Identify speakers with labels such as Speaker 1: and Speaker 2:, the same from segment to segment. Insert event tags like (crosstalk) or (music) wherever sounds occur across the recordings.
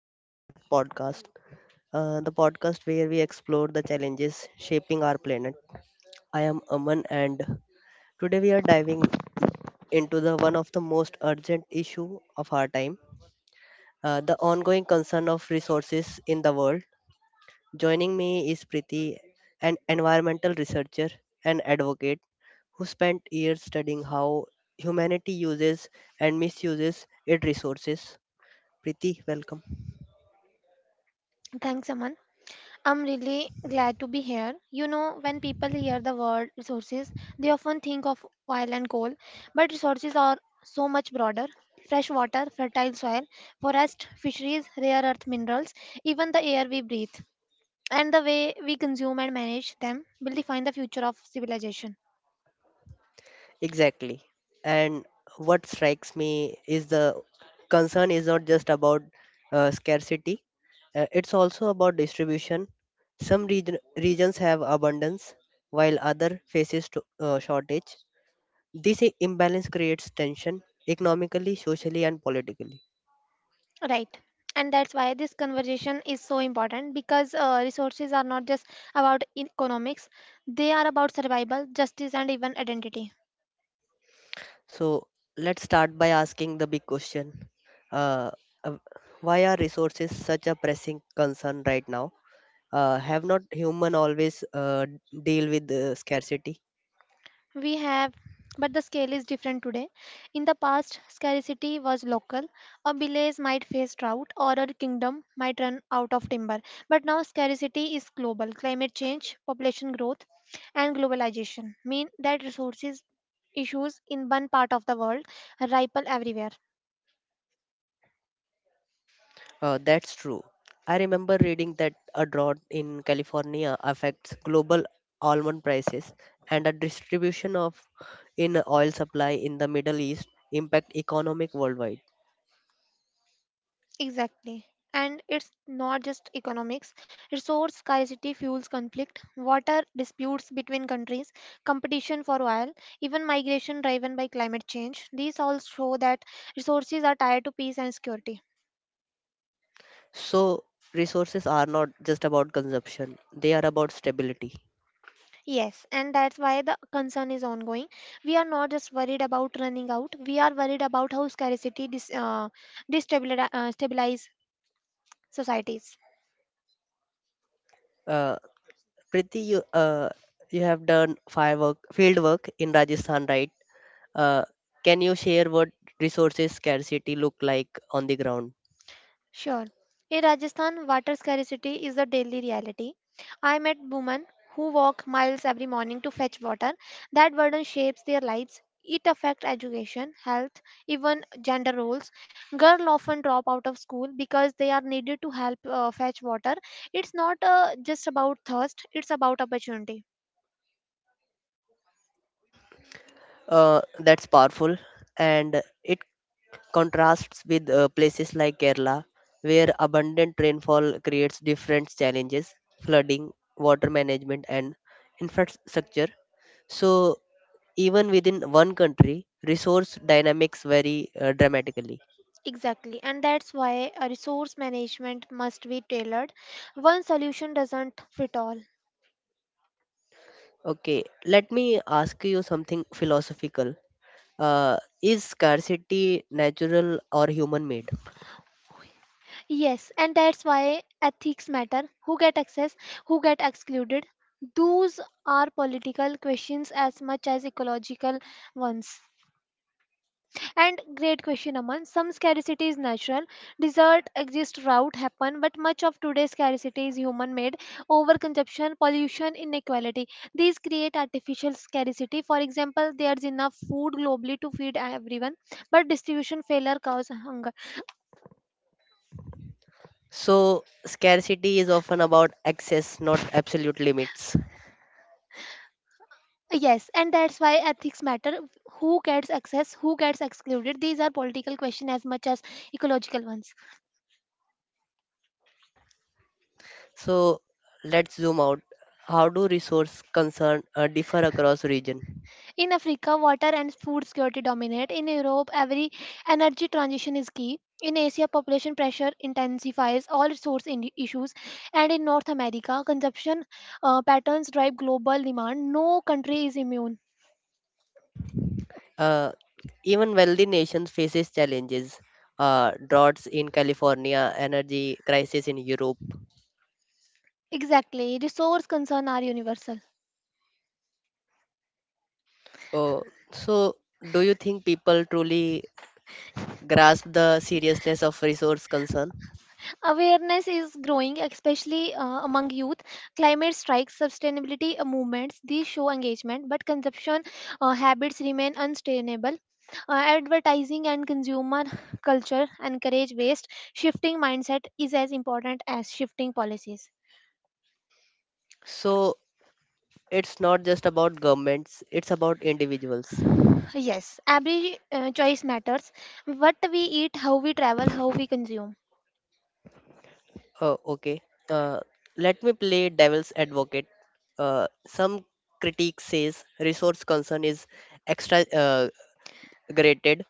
Speaker 1: Welcome to our podcast, the podcast where we explore the challenges shaping our planet. I am Aman, and today we are diving into the one of the most urgent issue of our time, the ongoing concern of resources in the world. Joining me is Priti, an environmental researcher and advocate who spent years studying how humanity uses and misuses its resources. Priti, welcome.
Speaker 2: Thanks, Aman. I'm really glad to be here. You know, when people hear the word resources, they often think of oil and coal, but resources are so much broader. Fresh water, fertile soil, forest, fisheries, rare earth minerals, even the air we breathe, and the way we consume and manage them will define the future of civilization.
Speaker 1: Exactly. And what strikes me is the concern is not just about scarcity, it's also about distribution. Regions have abundance while other faces to, shortage. This imbalance creates tension economically, socially and politically.
Speaker 2: Right. And that's why this conversation is so important because resources are not just about economics, they are about survival, justice, and even identity.
Speaker 1: So let's start by asking the big question. Uh, uh, why are resources such a pressing concern right now? Have not human always deal with scarcity?
Speaker 2: We have, but the scale is different today. In the past, scarcity was local. A village might face drought or a kingdom might run out of timber. But now, scarcity is global. Climate change, population growth, and globalization mean that resources issues in one part of the world ripple everywhere.
Speaker 1: That's true. I remember reading that a drought in California affects global almond prices, and a distribution of in oil supply in the Middle East impact economic worldwide.
Speaker 2: Exactly. And it's not just economics. Resource scarcity fuels conflict, water disputes between countries, competition for oil, even migration driven by climate change. These all show that resources are tied to peace and security.
Speaker 1: So resources are not just about consumption, they are about stability.
Speaker 2: Yes, and that's why the concern is ongoing. We are not just worried about running out, we are worried about how scarcity dis- destabilize stabilize societies.
Speaker 1: uh, Priti, you have done firework field work in Rajasthan, right? Uh, can you share what resources scarcity look like on the ground?
Speaker 2: Sure. In Rajasthan, water scarcity is a daily reality. I met women who walk miles every morning to fetch water. That burden shapes their lives. It affects education, health, even gender roles. Girls often drop out of school because they are needed to help fetch water. It's not just about thirst, it's about opportunity.
Speaker 1: That's powerful, and it contrasts with places like Kerala, where abundant rainfall creates different challenges: flooding, water management, and infrastructure. So even within one country, resource dynamics vary dramatically.
Speaker 2: Exactly, and that's why resource management must be tailored. One solution doesn't fit all.
Speaker 1: Okay, let me ask you something philosophical. Is scarcity natural or human made?
Speaker 2: Yes, and that's why ethics matter. Who get access, who get excluded? Those are political questions as much as ecological ones. And great question, Aman. Some scarcity is natural. Desert exist, drought happen, but much of today's scarcity is human-made. Overconsumption, pollution, inequality. These create artificial scarcity. For example, there's enough food globally to feed everyone, but distribution failure causes hunger.
Speaker 1: So, scarcity is often about access, not absolute limits.
Speaker 2: Yes, and that's why ethics matter. Who gets access, who gets excluded? These are political questions as much as ecological ones.
Speaker 1: So, let's zoom out. How do resource concern differ across region?
Speaker 2: In Africa, water and food security dominate. In Europe, every energy transition is key. In Asia, population pressure intensifies all issues. And in North America, consumption patterns drive global demand. No country is immune.
Speaker 1: Uh, even wealthy nations faces challenges. Droughts in California, energy crisis in Europe.
Speaker 2: Exactly, resource concerns are universal.
Speaker 1: Uh, so, do you think people truly grasp the seriousness of resource concern?
Speaker 2: Awareness is growing, especially among youth. Climate strikes, sustainability movements, these show engagement, but consumption habits remain unsustainable. Advertising and consumer (laughs) culture encourage waste. Shifting mindset is as important as shifting policies.
Speaker 1: So, it's not just about governments; it's about individuals.
Speaker 2: Yes, every choice matters. What we eat, how we travel, how we consume.
Speaker 1: Okay. Uh, let me play devil's advocate. Some critique says resource concern is extra graded.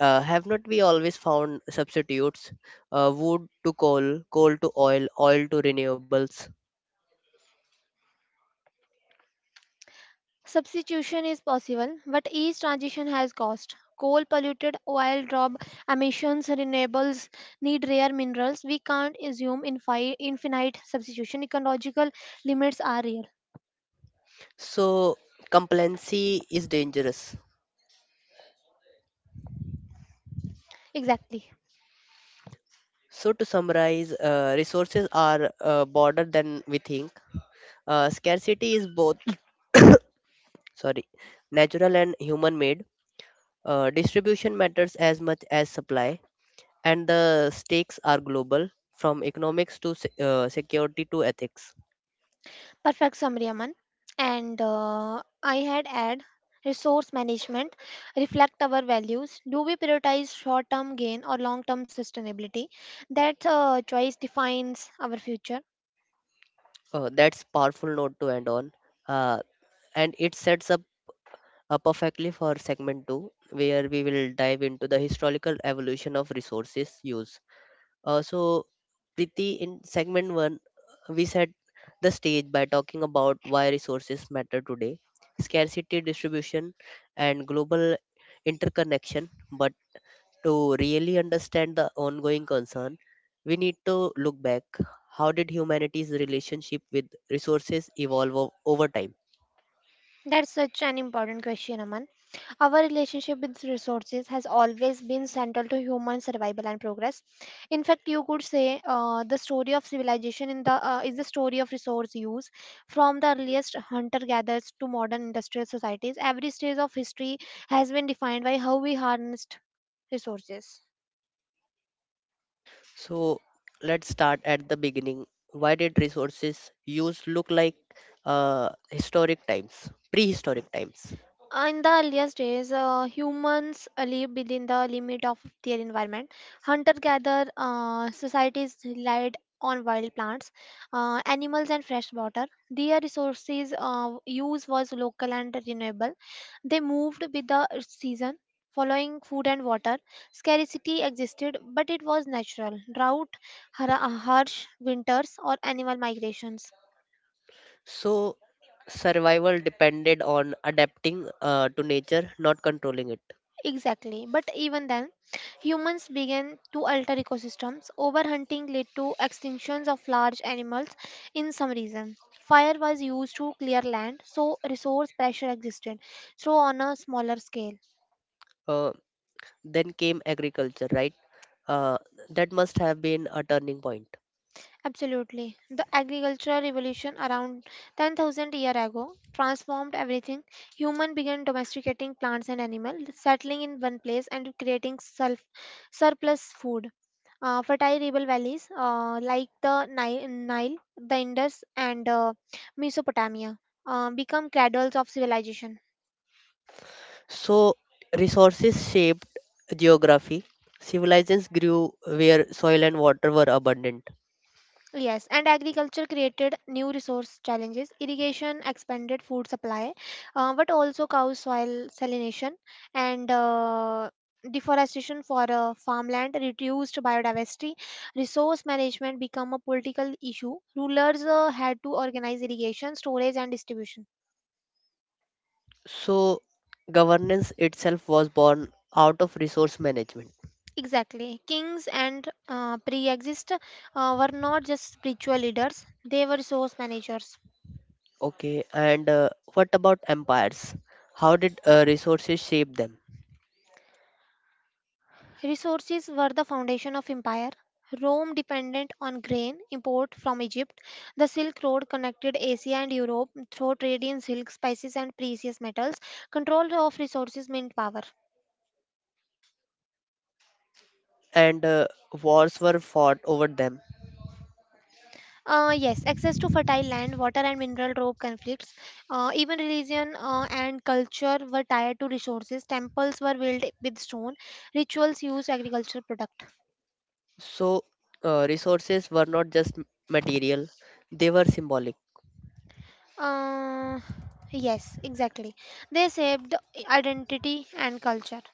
Speaker 1: Have not we always found substitutes? Wood to coal, coal to oil, oil to renewables.
Speaker 2: Substitution is possible, but each transition has cost. Coal polluted oil drop emissions, renewables need rare minerals. We can't assume infinite substitution. Ecological limits are real.
Speaker 1: So complacency is dangerous.
Speaker 2: Exactly.
Speaker 1: So to summarize, resources are broader than we think. Scarcity is both sorry natural and human made. Distribution matters as much as supply, and the stakes are global, from economics to security to ethics.
Speaker 2: Perfect summary, Aman. And I had add resource management, reflect our values. Do we prioritize short term gain or long term sustainability? That choice defines our future.
Speaker 1: Uh, that's powerful note to end on, uh, and it sets up perfectly for segment 2, where we will dive into the historical evolution of resources use. So Priti, in segment 1 we set the stage by talking about why resources matter today: scarcity, distribution, and global interconnection. But to really understand the ongoing concern, we need to look back. How did humanity's relationship with resources evolve over time?
Speaker 2: That's such an important question, Aman. Our relationship with resources has always been central to human survival and progress. In fact, you could say the story of civilization in the is the story of resource use. From the earliest hunter-gatherers to modern industrial societies, every stage of history has been defined by how we harnessed resources.
Speaker 1: So let's start at the beginning. Why did resources use look like historic times, prehistoric times?
Speaker 2: In the earliest days, humans lived within the limit of their environment. Hunter-gatherer societies relied on wild plants, animals, and fresh water. Their resources use was local and renewable. They moved with the season, following food and water. Scarcity existed, but it was natural. Drought, harsh winters, or animal migrations.
Speaker 1: So survival depended on adapting to nature, not controlling it.
Speaker 2: Exactly. But even then, humans began to alter ecosystems. Overhunting led to extinctions of large animals in some regions. Fire was used to clear land, so resource pressure existed, so on a smaller scale.
Speaker 1: Uh, then came agriculture, right? Uh, that must have been a turning point.
Speaker 2: Absolutely. The agricultural revolution around 10,000 years ago transformed everything. Human began domesticating plants and animals, settling in one place and creating self surplus food. Fertile river valleys like the Nile, the Indus, and Mesopotamia become cradles of civilization.
Speaker 1: So, resources shaped geography. Civilizations grew where soil and water were abundant.
Speaker 2: Yes, and agriculture created new resource challenges. Irrigation expanded food supply, but also caused soil salination and deforestation for farmland reduced biodiversity. Resource management became a political issue. Rulers had to organize irrigation, storage, and distribution.
Speaker 1: So, governance itself was born out of resource management.
Speaker 2: Exactly. Kings and pre exist were not just spiritual leaders, they were resource managers.
Speaker 1: Okay, and what about empires? How did resources shape them?
Speaker 2: Resources were the foundation of empire. Rome dependent on grain import from Egypt. The Silk Road connected Asia and Europe through trade in silk, spices, and precious metals. Control of resources meant power.
Speaker 1: And wars were fought over them.
Speaker 2: Yes, access to fertile land, water, and mineral drove conflicts. Even religion and culture were tied to resources. Temples were built with stone. Rituals used agricultural product.
Speaker 1: So, resources were not just material, they were symbolic.
Speaker 2: Uh, yes, exactly. They shaped identity and culture.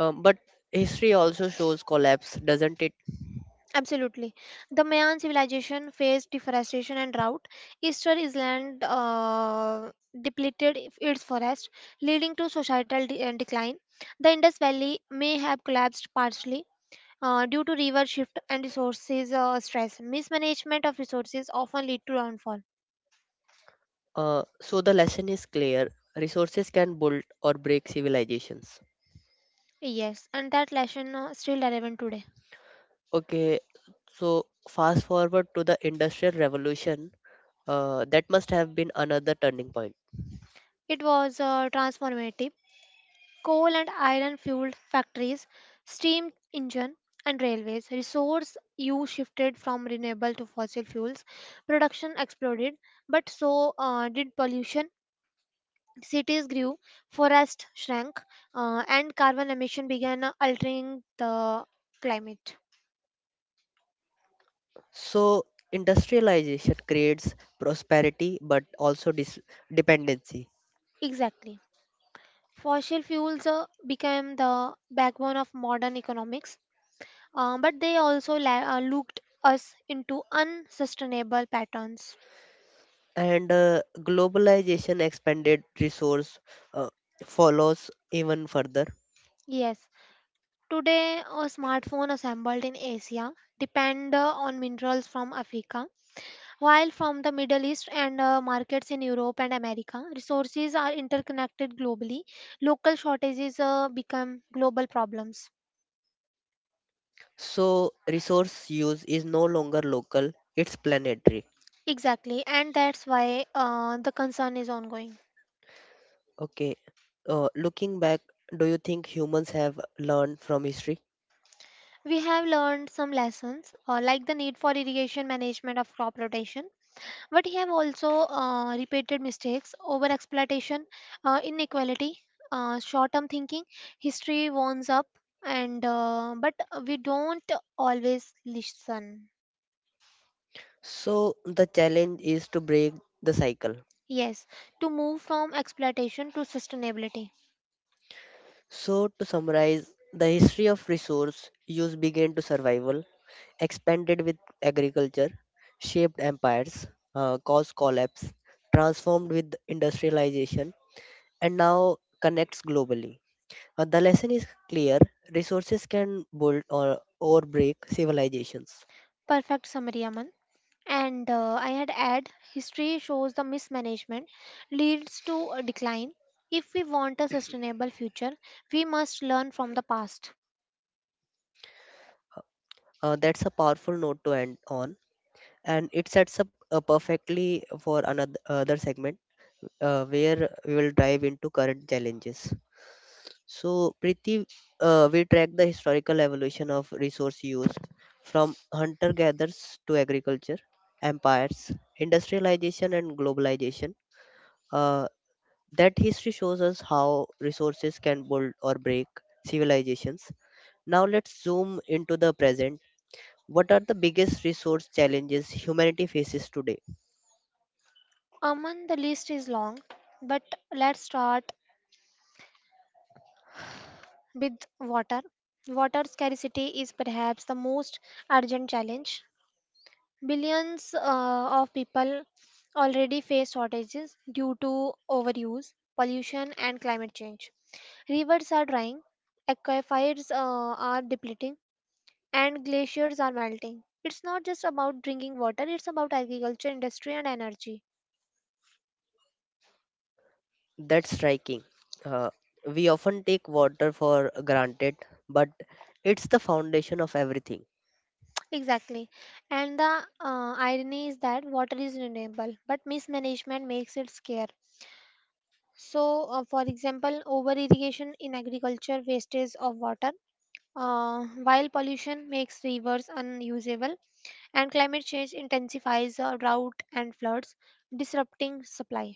Speaker 1: But history also shows collapse, doesn't it?
Speaker 2: Absolutely. The Mayan civilization faced deforestation and drought. Eastern Island depleted its forest, leading to societal decline. The Indus Valley may have collapsed partially due to river shift and resources stress. Mismanagement of resources often lead to downfall.
Speaker 1: So the lesson is clear. Resources can build or break civilizations.
Speaker 2: Yes, and that lesson still relevant today.
Speaker 1: Okay, so fast forward to the Industrial Revolution. That must have been another turning point.
Speaker 2: It was transformative coal and iron fueled factories, steam engine and railways. Resource use shifted from renewable to fossil fuels. Production exploded, but so did pollution. Cities grew, forests shrank, and carbon emission began altering the climate.
Speaker 1: So industrialization creates prosperity but also dependency.
Speaker 2: Exactly. Fossil fuels became the backbone of modern economics, but they also looked us into unsustainable patterns.
Speaker 1: And globalization expanded resource uh, follows even further.
Speaker 2: Yes, today, a smartphone assembled in Asia depend on minerals from Africa, while from the Middle East and markets in Europe and America, resources are interconnected globally. Local shortages become global problems.
Speaker 1: So resource use is no longer local, it's planetary.
Speaker 2: Exactly, and that's why the concern is ongoing.
Speaker 1: Okay. Looking back, do you think humans have learned from history?
Speaker 2: We have learned some lessons, like the need for irrigation management of crop rotation, but he have also repeated mistakes, over exploitation, inequality, short term thinking. History warns up, and but we don't always listen.
Speaker 1: So, the challenge is to break the cycle.
Speaker 2: Yes, to move from exploitation to sustainability.
Speaker 1: So, to summarize, the history of resource use began to survival, expanded with agriculture, shaped empires, caused collapse, transformed with industrialization, and now connects globally. The lesson is clear: resources can build or break civilizations.
Speaker 2: Perfect summary, Aman. And I had add history shows the mismanagement leads to a decline. If we want a sustainable future, we must learn from the past.
Speaker 1: That's a powerful note to end on, and it sets up perfectly for another other segment, where we will dive into current challenges. So, Priti, we track the historical evolution of resource use from hunter gatherers to agriculture, empires, industrialization, and globalization. Uh, that history shows us how resources can build or break civilizations. Now, let's zoom into the present. What are the biggest resource challenges humanity faces today?
Speaker 2: Aman, the list is long, but let's start with water. Water scarcity is perhaps the most urgent challenge. Billions of people already face shortages due to overuse, pollution, and climate change. Rivers are drying, aquifers are depleting, and glaciers are melting. It's not just about drinking water, it's about agriculture, industry, and energy.
Speaker 1: That's striking. Uh, we often take water for granted, but it's the foundation of everything.
Speaker 2: Exactly. And the irony is that water is renewable, but mismanagement makes it scarce. So, for example, over irrigation in agriculture wastes of water, while pollution makes rivers unusable, and climate change intensifies drought and floods, disrupting supply.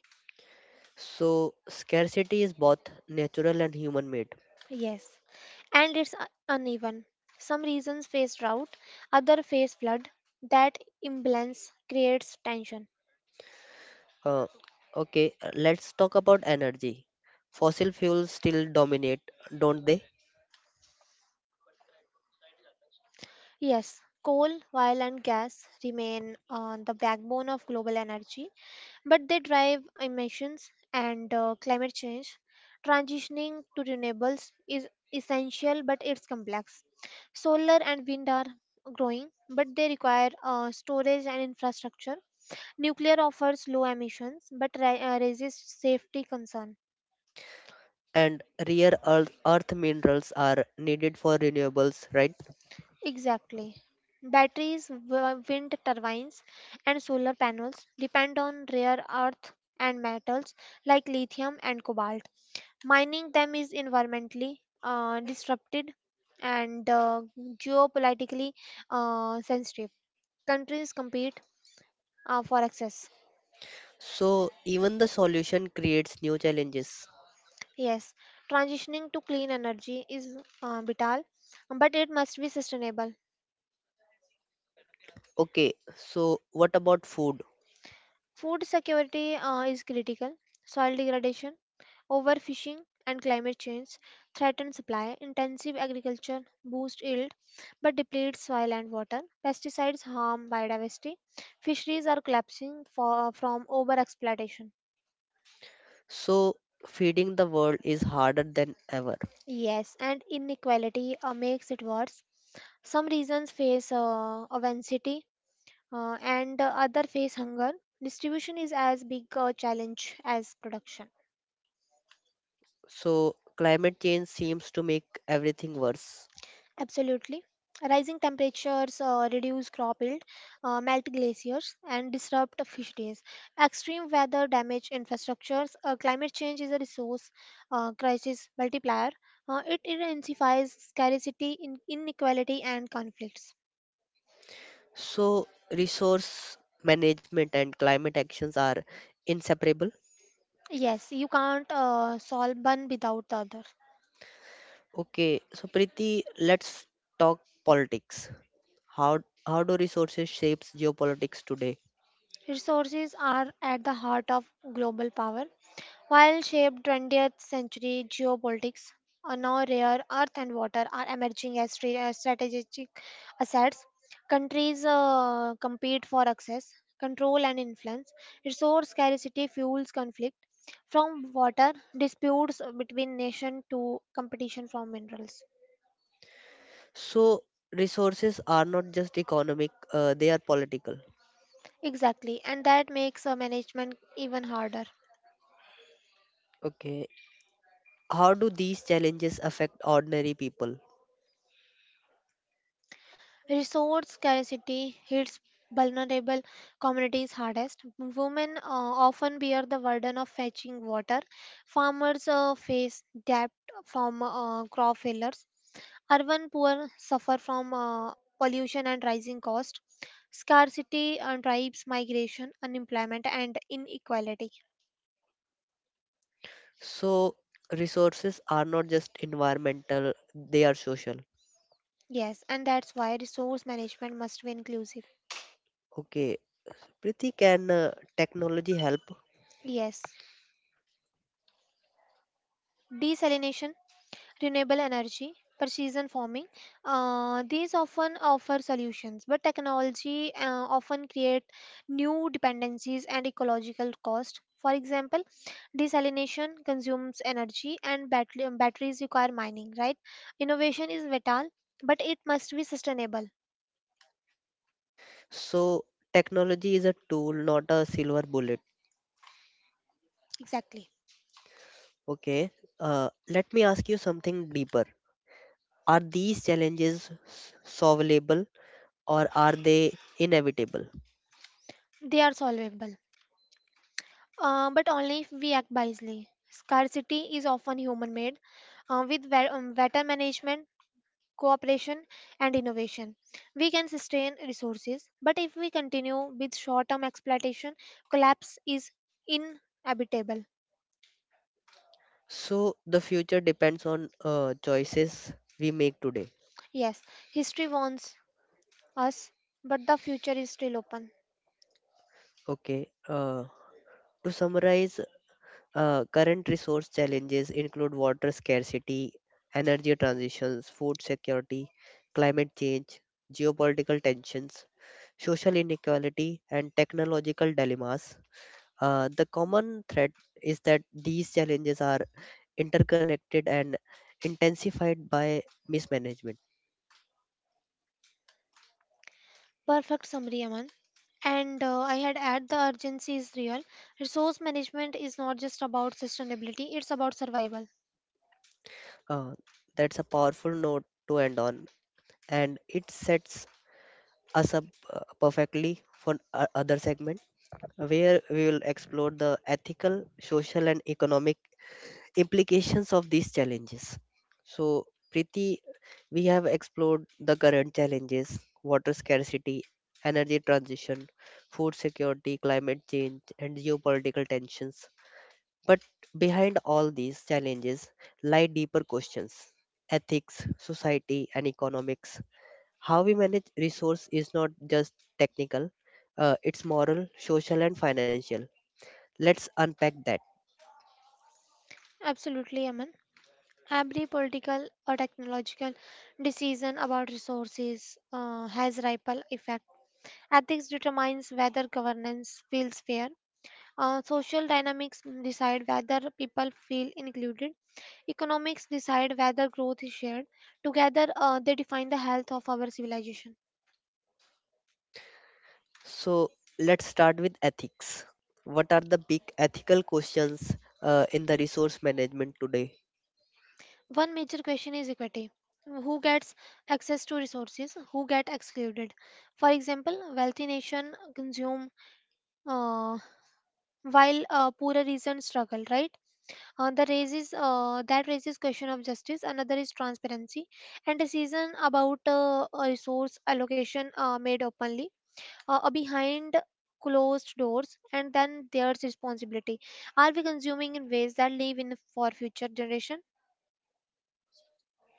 Speaker 1: So, scarcity is both natural and human made.
Speaker 2: Yes, and it's uneven. Some regions face drought, other face flood. That imbalance creates tension.
Speaker 1: Uh, okay, let's talk about energy. Fossil fuels still dominate, don't they?
Speaker 2: Yes, coal, oil, and gas remain the backbone of global energy, but they drive emissions and climate change. Transitioning to renewables is essential, but it's complex. Solar and wind are growing, but they require storage and infrastructure. Nuclear offers low emissions, but raises safety concern.
Speaker 1: And earth minerals are needed for renewables, right?
Speaker 2: Exactly. Batteries, wind turbines, and solar panels depend on rare earth and metals like lithium and cobalt. Mining them is environmentally disrupted and geopolitically sensitive. Countries compete for access.
Speaker 1: So, even the solution creates new challenges.
Speaker 2: Yes, transitioning to clean energy is vital, but it must be sustainable.
Speaker 1: Okay, so what about food?
Speaker 2: Food security is critical. Soil degradation, overfishing, and climate change threaten supply. Intensive agriculture boosts yield but depletes soil and water. Pesticides harm biodiversity. Fisheries are collapsing for, from overexploitation.
Speaker 1: So, feeding the world is harder than ever.
Speaker 2: Yes, and inequality makes it worse. Some regions face obesity and other face hunger. Distribution is as big a challenge as production.
Speaker 1: So, climate change seems to make everything worse.
Speaker 2: Absolutely. Rising temperatures reduce crop yield, melt glaciers, and disrupt fish days. Extreme weather damage infrastructures. Climate change is a resource crisis multiplier. It intensifies scarcity, inequality, and conflicts.
Speaker 1: So, resource management and climate actions are inseparable.
Speaker 2: Yes, you can't solve one without the other.
Speaker 1: Okay, so Preeti, let's talk politics. How how do resources shapes geopolitics today?
Speaker 2: Resources are at the heart of global power. While shaped 20th century geopolitics, now rare earth and water are emerging as strategic assets. Countries compete for access, control, and influence. Resource scarcity fuels conflict. From water disputes between nations to competition for minerals.
Speaker 1: So, resources are not just economic; they are political.
Speaker 2: Exactly, and that makes management even harder.
Speaker 1: Okay, how do these challenges affect ordinary people?
Speaker 2: Resource scarcity hits vulnerable communities hardest. Women often bear the burden of fetching water. Farmers face debt from crop failures. Urban poor suffer from pollution and rising cost. Scarcity drives migration, unemployment, and inequality.
Speaker 1: So resources are not just environmental, they are social.
Speaker 2: Yes, and that's why resource management must be inclusive.
Speaker 1: Okay, Prithi, can technology help?
Speaker 2: Yes. Desalination renewable energy, precision farming. These often offer solutions, but technology often create new dependencies and ecological cost. For example, desalination consumes energy and batteries require mining, right? Innovation is vital, but it must be sustainable.
Speaker 1: So technology is a tool, not a silver bullet.
Speaker 2: Exactly.
Speaker 1: Okay, let me ask you something deeper. Are these challenges solvable, or are they inevitable?
Speaker 2: They are solvable, but only if we act wisely. Scarcity is often human made. With vet- better management, cooperation, and innovation. We can sustain resources, but if we continue with short term exploitation, collapse is inevitable.
Speaker 1: So the future depends on choices we make today.
Speaker 2: Yes, history warns us, but the future is still open.
Speaker 1: Okay, to summarize. Current resource challenges include water scarcity, energy transitions, food security, climate change, geopolitical tensions, social inequality, and technological dilemmas. The common thread is that these challenges are interconnected and intensified by mismanagement.
Speaker 2: Perfect summary, Aman. And I had add the urgency is real. Resource management is not just about sustainability, it's about survival.
Speaker 1: Uh, that's a powerful note to end on, and it sets us up perfectly for other segments, where we will explore the ethical, social, and economic implications of these challenges. So, Preeti, we have explored the current challenges: water scarcity, energy transition, food security, climate change, and geopolitical tensions. But behind all these challenges lie deeper questions: ethics, society, and economics. How we manage resource is not just technical, it's moral, social, and financial. Let's unpack that.
Speaker 2: Absolutely, Aman. Every political or technological decision about resources has ripple effect. Ethics determines whether governance feels fair. Social dynamics decide whether people feel included. Economics decide whether growth is shared. Together, they define the health of our civilization.
Speaker 1: So, let's start with ethics. What are the big ethical questions in the resource management today?
Speaker 2: One major question is equity. Who gets access to resources? Who get excluded? For example, wealthy nation consume uh, while poorer regions struggle, right? That raises question of justice. Another is transparency, and decision about resource allocation made openly behind closed doors. And then there's responsibility. Are we consuming in ways that leave in for future generation?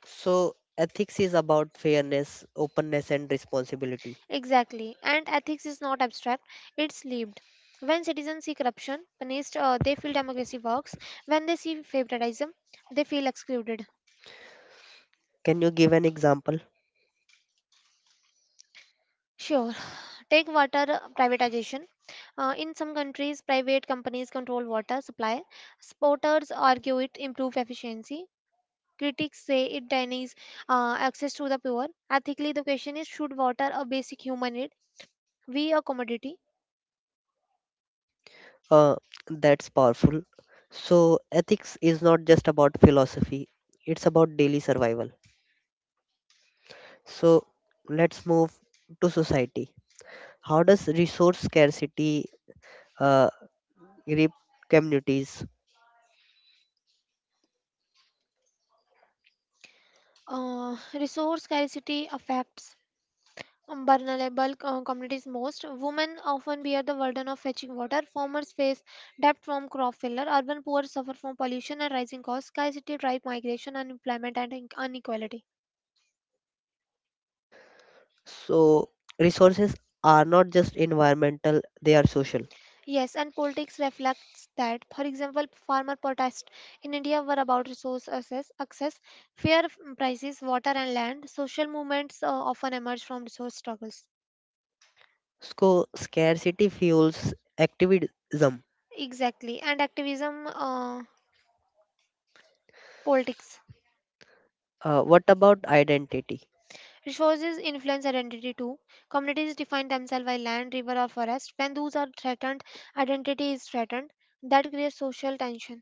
Speaker 1: So, ethics is about fairness, openness, and responsibility.
Speaker 2: Exactly, and ethics is not abstract, it's lived. When citizens see corruption punished, they feel democracy works. When they see favoritism, they feel excluded.
Speaker 1: Can you give an example?
Speaker 2: Sure. Take water privatization. In some countries, private companies control water supply. Supporters argue it improves efficiency. Critics say it denies access to the poor. Ethically, the question is, should water, a basic human need, be a commodity?
Speaker 1: Uh, that's powerful. So, ethics is not just about philosophy, it's about daily survival. So, let's move to society. How does resource scarcity uh, grip communities?
Speaker 2: Resource scarcity affects vulnerable communities most. Women often bear the burden of fetching water. Farmers face debt from crop failure. Urban poor suffer from pollution and rising costs. Scarcity drive migration, unemployment, and inequality.
Speaker 1: So resources are not just environmental, they are social.
Speaker 2: Yes, and politics reflects that. For example, farmer protests in India were about resource access, access, prices, water, and land. Social movements often emerge from resource struggles.
Speaker 1: So scarcity fuels activism.
Speaker 2: Exactly, and activism, politics.
Speaker 1: What about identity?
Speaker 2: Resources influence identity too. Communities define themselves by land, river, or forest. When those are threatened, identity is threatened. That creates social tension.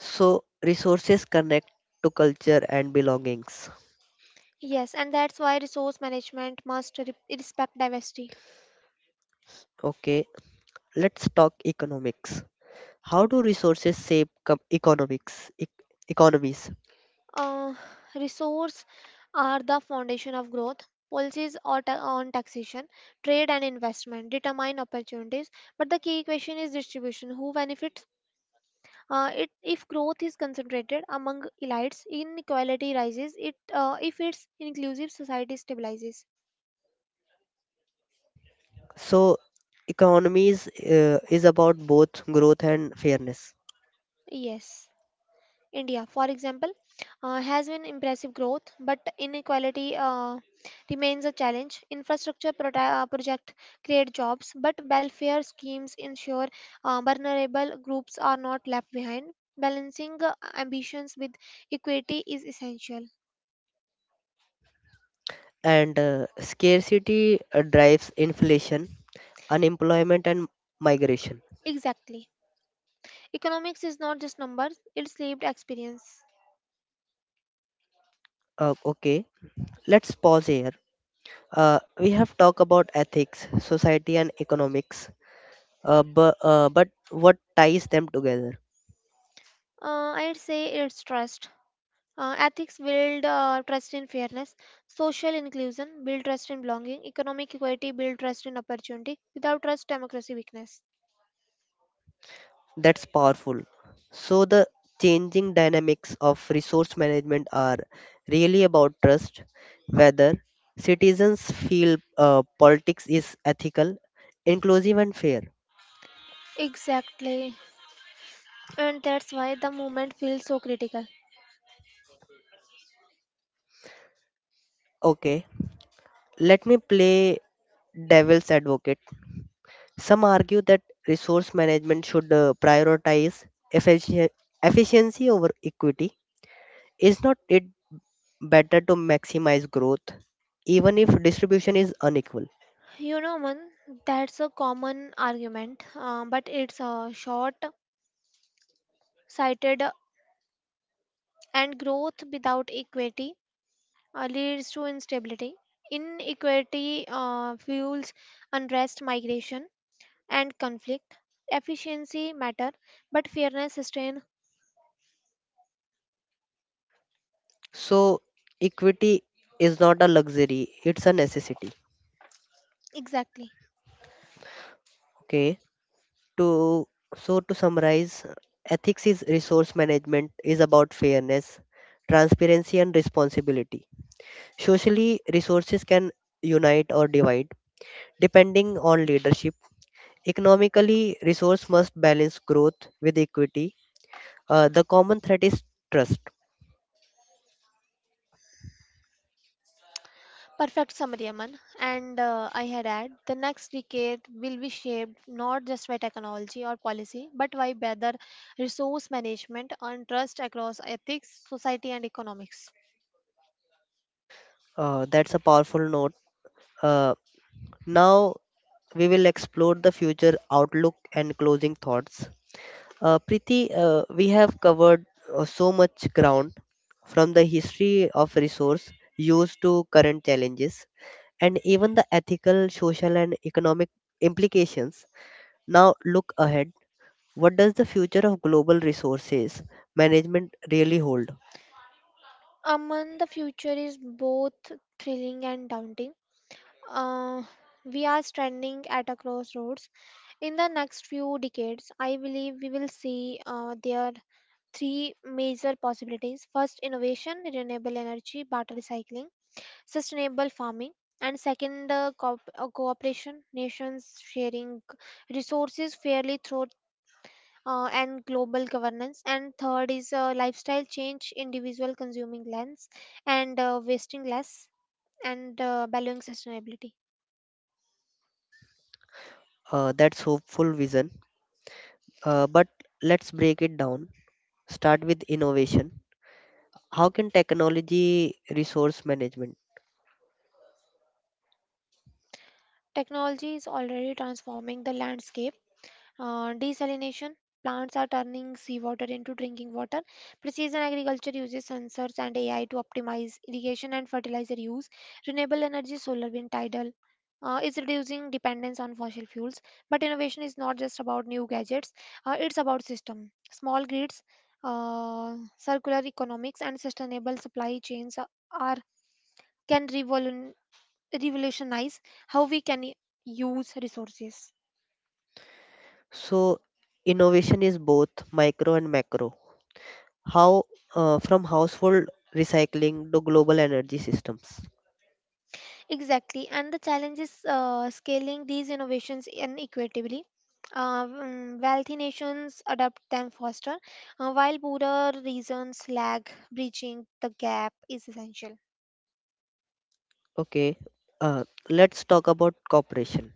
Speaker 1: So resources connect to culture and belongings.
Speaker 2: Yes, and that's why resource management must respect diversity.
Speaker 1: Okay, let's talk economics. How do resources shape economics? Economies.
Speaker 2: Uh, Resource are the foundation of growth. Policies or on taxation, trade, and investment determine opportunities, but the key question is distribution. Who benefits? If growth is concentrated among elites, inequality rises. If it's inclusive, society stabilizes.
Speaker 1: So economies is about both growth and fairness.
Speaker 2: Yes. India, for example, has been impressive growth, but inequality remains a challenge. Infrastructure project create jobs, but welfare schemes ensure vulnerable groups are not left behind. Balancing ambitions with equity is essential.
Speaker 1: And scarcity drives inflation, unemployment and migration.
Speaker 2: Exactly. Economics is not just numbers, it's lived experience.
Speaker 1: Okay, let's pause here. We have talked about ethics, society, and economics, but what ties them together?
Speaker 2: I'd say it's trust. Ethics build trust in fairness. Social inclusion build trust in belonging. Economic equality build trust in opportunity. Without trust, democracy weakness.
Speaker 1: That's powerful. So, the changing dynamics of resource management are really about trust, whether citizens feel politics is ethical, inclusive, and fair.
Speaker 2: Exactly. And that's why the movement feels so critical.
Speaker 1: Okay, let me play devil's advocate. Some argue that resource management should prioritize effici- efficiency over equity. Is not it better to maximize growth even if distribution is unequal?
Speaker 2: You know, man, that's a common argument, but it's short sighted, and growth without equity leads to instability. Inequality fuels unrest, migration, and conflict. Efficiency matter, but fairness sustain.
Speaker 1: So, equity is not a luxury, it's a necessity.
Speaker 2: Exactly.
Speaker 1: Okay, to to summarize, ethics is resource management is about fairness, transparency, and responsibility. Socially, resources can unite or divide depending on leadership. Economically, resource must balance growth with equity. The common threat is trust.
Speaker 2: Perfect summary, Aman. And I had add the next decade will be shaped not just by technology or policy, but by better resource management and trust across ethics, society, and economics.
Speaker 1: That's a powerful note. Uh, now we will explore the future outlook and closing thoughts. Preeti, we have covered so much ground, from the history of resource use to current challenges and even the ethical, social, and economic implications. Now look ahead. What does the future of global resources management really hold?
Speaker 2: Aman, the future is both thrilling and daunting. Uh, we are standing at a crossroads. In the next few decades, I believe we will see there three major possibilities. First, innovation, renewable energy, water recycling, sustainable farming. And second, cooperation, nations sharing resources fairly through and global governance. And third is lifestyle change, individual consuming less and wasting less, and valuing sustainability.
Speaker 1: That's hopeful vision. But let's break it down. Start with innovation. How can technology resource management?
Speaker 2: Technology is already transforming the landscape. Desalination plants are turning seawater into drinking water. Precision agriculture uses sensors and AI to optimize irrigation and fertilizer use. Renewable energy, solar, wind, tidal, is reducing dependence on fossil fuels. But innovation is not just about new gadgets, it's about system. Small grids, circular economics, and sustainable supply chains are- can revolutionize how we use resources.
Speaker 1: So, innovation is both micro and macro. How from household recycling to global energy systems.
Speaker 2: Exactly, and the challenge is scaling these innovations inequitably. Wealthy nations adopt them faster, while poorer regions lag. Bridging the gap is essential.
Speaker 1: Okay, uh, let's talk about cooperation.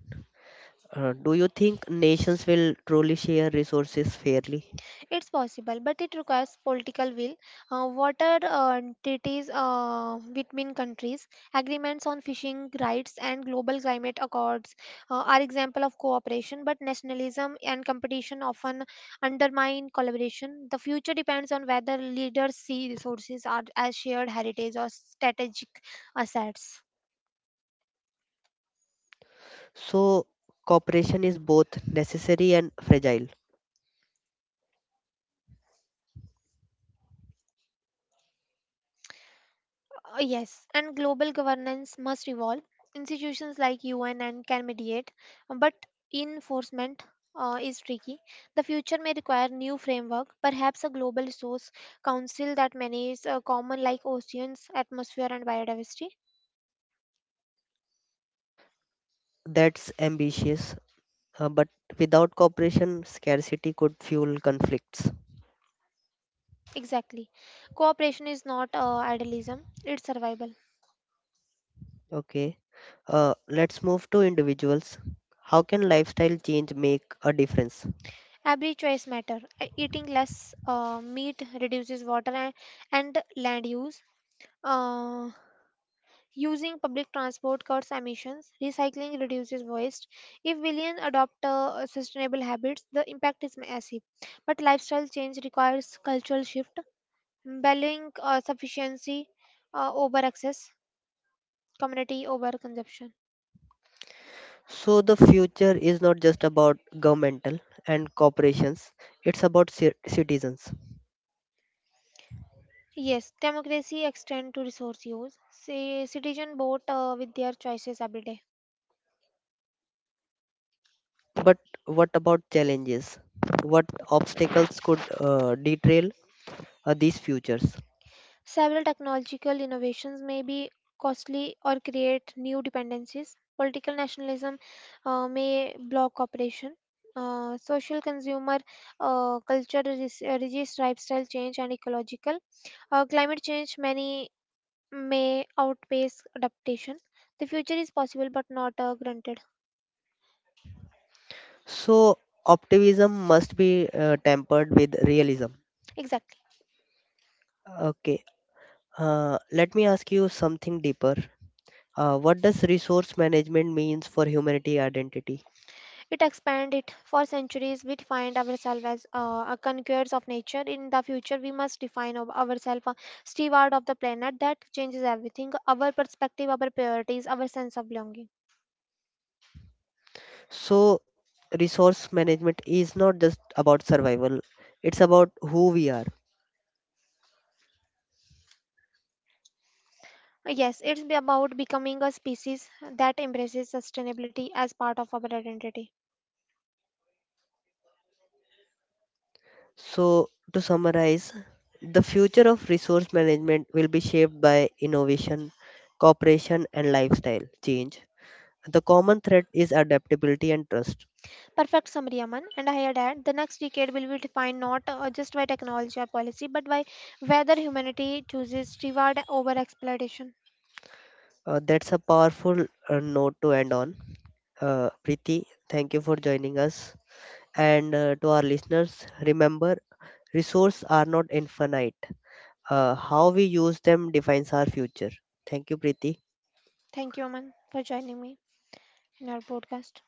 Speaker 1: Do you think nations will truly share resources fairly?
Speaker 2: It's possible, but it requires political will. Water treaties between countries, agreements on fishing rights, and global climate accords are example of cooperation. But nationalism and competition often undermine collaboration. The future depends on whether leaders see resources are as shared heritage or strategic assets.
Speaker 1: So, cooperation is both necessary and fragile.
Speaker 2: Yes, and global governance must evolve. Institutions like UN and can mediate, but enforcement is tricky. The future may require new framework, perhaps a global resource council that manages common like oceans, atmosphere, and biodiversity.
Speaker 1: That's ambitious. But without cooperation, scarcity could fuel conflicts.
Speaker 2: Exactly, cooperation is not idealism; it's survival.
Speaker 1: Okay, let's move to individuals. How can lifestyle change make a difference?
Speaker 2: Every choice matter. Eating less meat reduces water and land use. Uh, Using public transport cuts emissions, recycling reduces waste. If millions adopt sustainable habits, the impact is massive. But lifestyle change requires cultural shift, balancing sufficiency over excess, community over consumption.
Speaker 1: So, the future is not just about governmental and corporations, it's about citizens.
Speaker 2: Yes, democracy extend to resource use. Say, citizen vote with their choices every day.
Speaker 1: But what about challenges? What obstacles could derail these futures?
Speaker 2: Several technological innovations may be costly or create new dependencies. Political nationalism may block cooperation. Social consumer culture resists lifestyle change and ecological. Climate change many may outpace adaptation. The future is possible but not granted.
Speaker 1: So, optimism must be tempered with realism.
Speaker 2: Exactly.
Speaker 1: Okay, let me ask you something deeper. What does resource management means for humanity identity?
Speaker 2: It expand it. For centuries, we defined ourselves as a conquerors of nature. In the future, we must define ourselves a steward of the planet. That changes everything, our perspective, our priorities, our sense of belonging.
Speaker 1: So, resource management is not just about survival; it's about who we are.
Speaker 2: Yes, it's be about becoming a species that embraces sustainability as part of our identity.
Speaker 1: So, to summarize, the future of resource management will be shaped by innovation, cooperation, and lifestyle change. The common thread is adaptability and trust.
Speaker 2: Perfect summary, Aman. And I had add the next decade will be defined not just by technology or policy, but by whether humanity chooses reward over exploitation.
Speaker 1: That's a powerful note to end on. Preeti, thank you for joining us. And to our listeners, remember: resources are not infinite. How we use them defines our future. Thank you, Preeti.
Speaker 2: Thank you, Aman, for joining me in our podcast.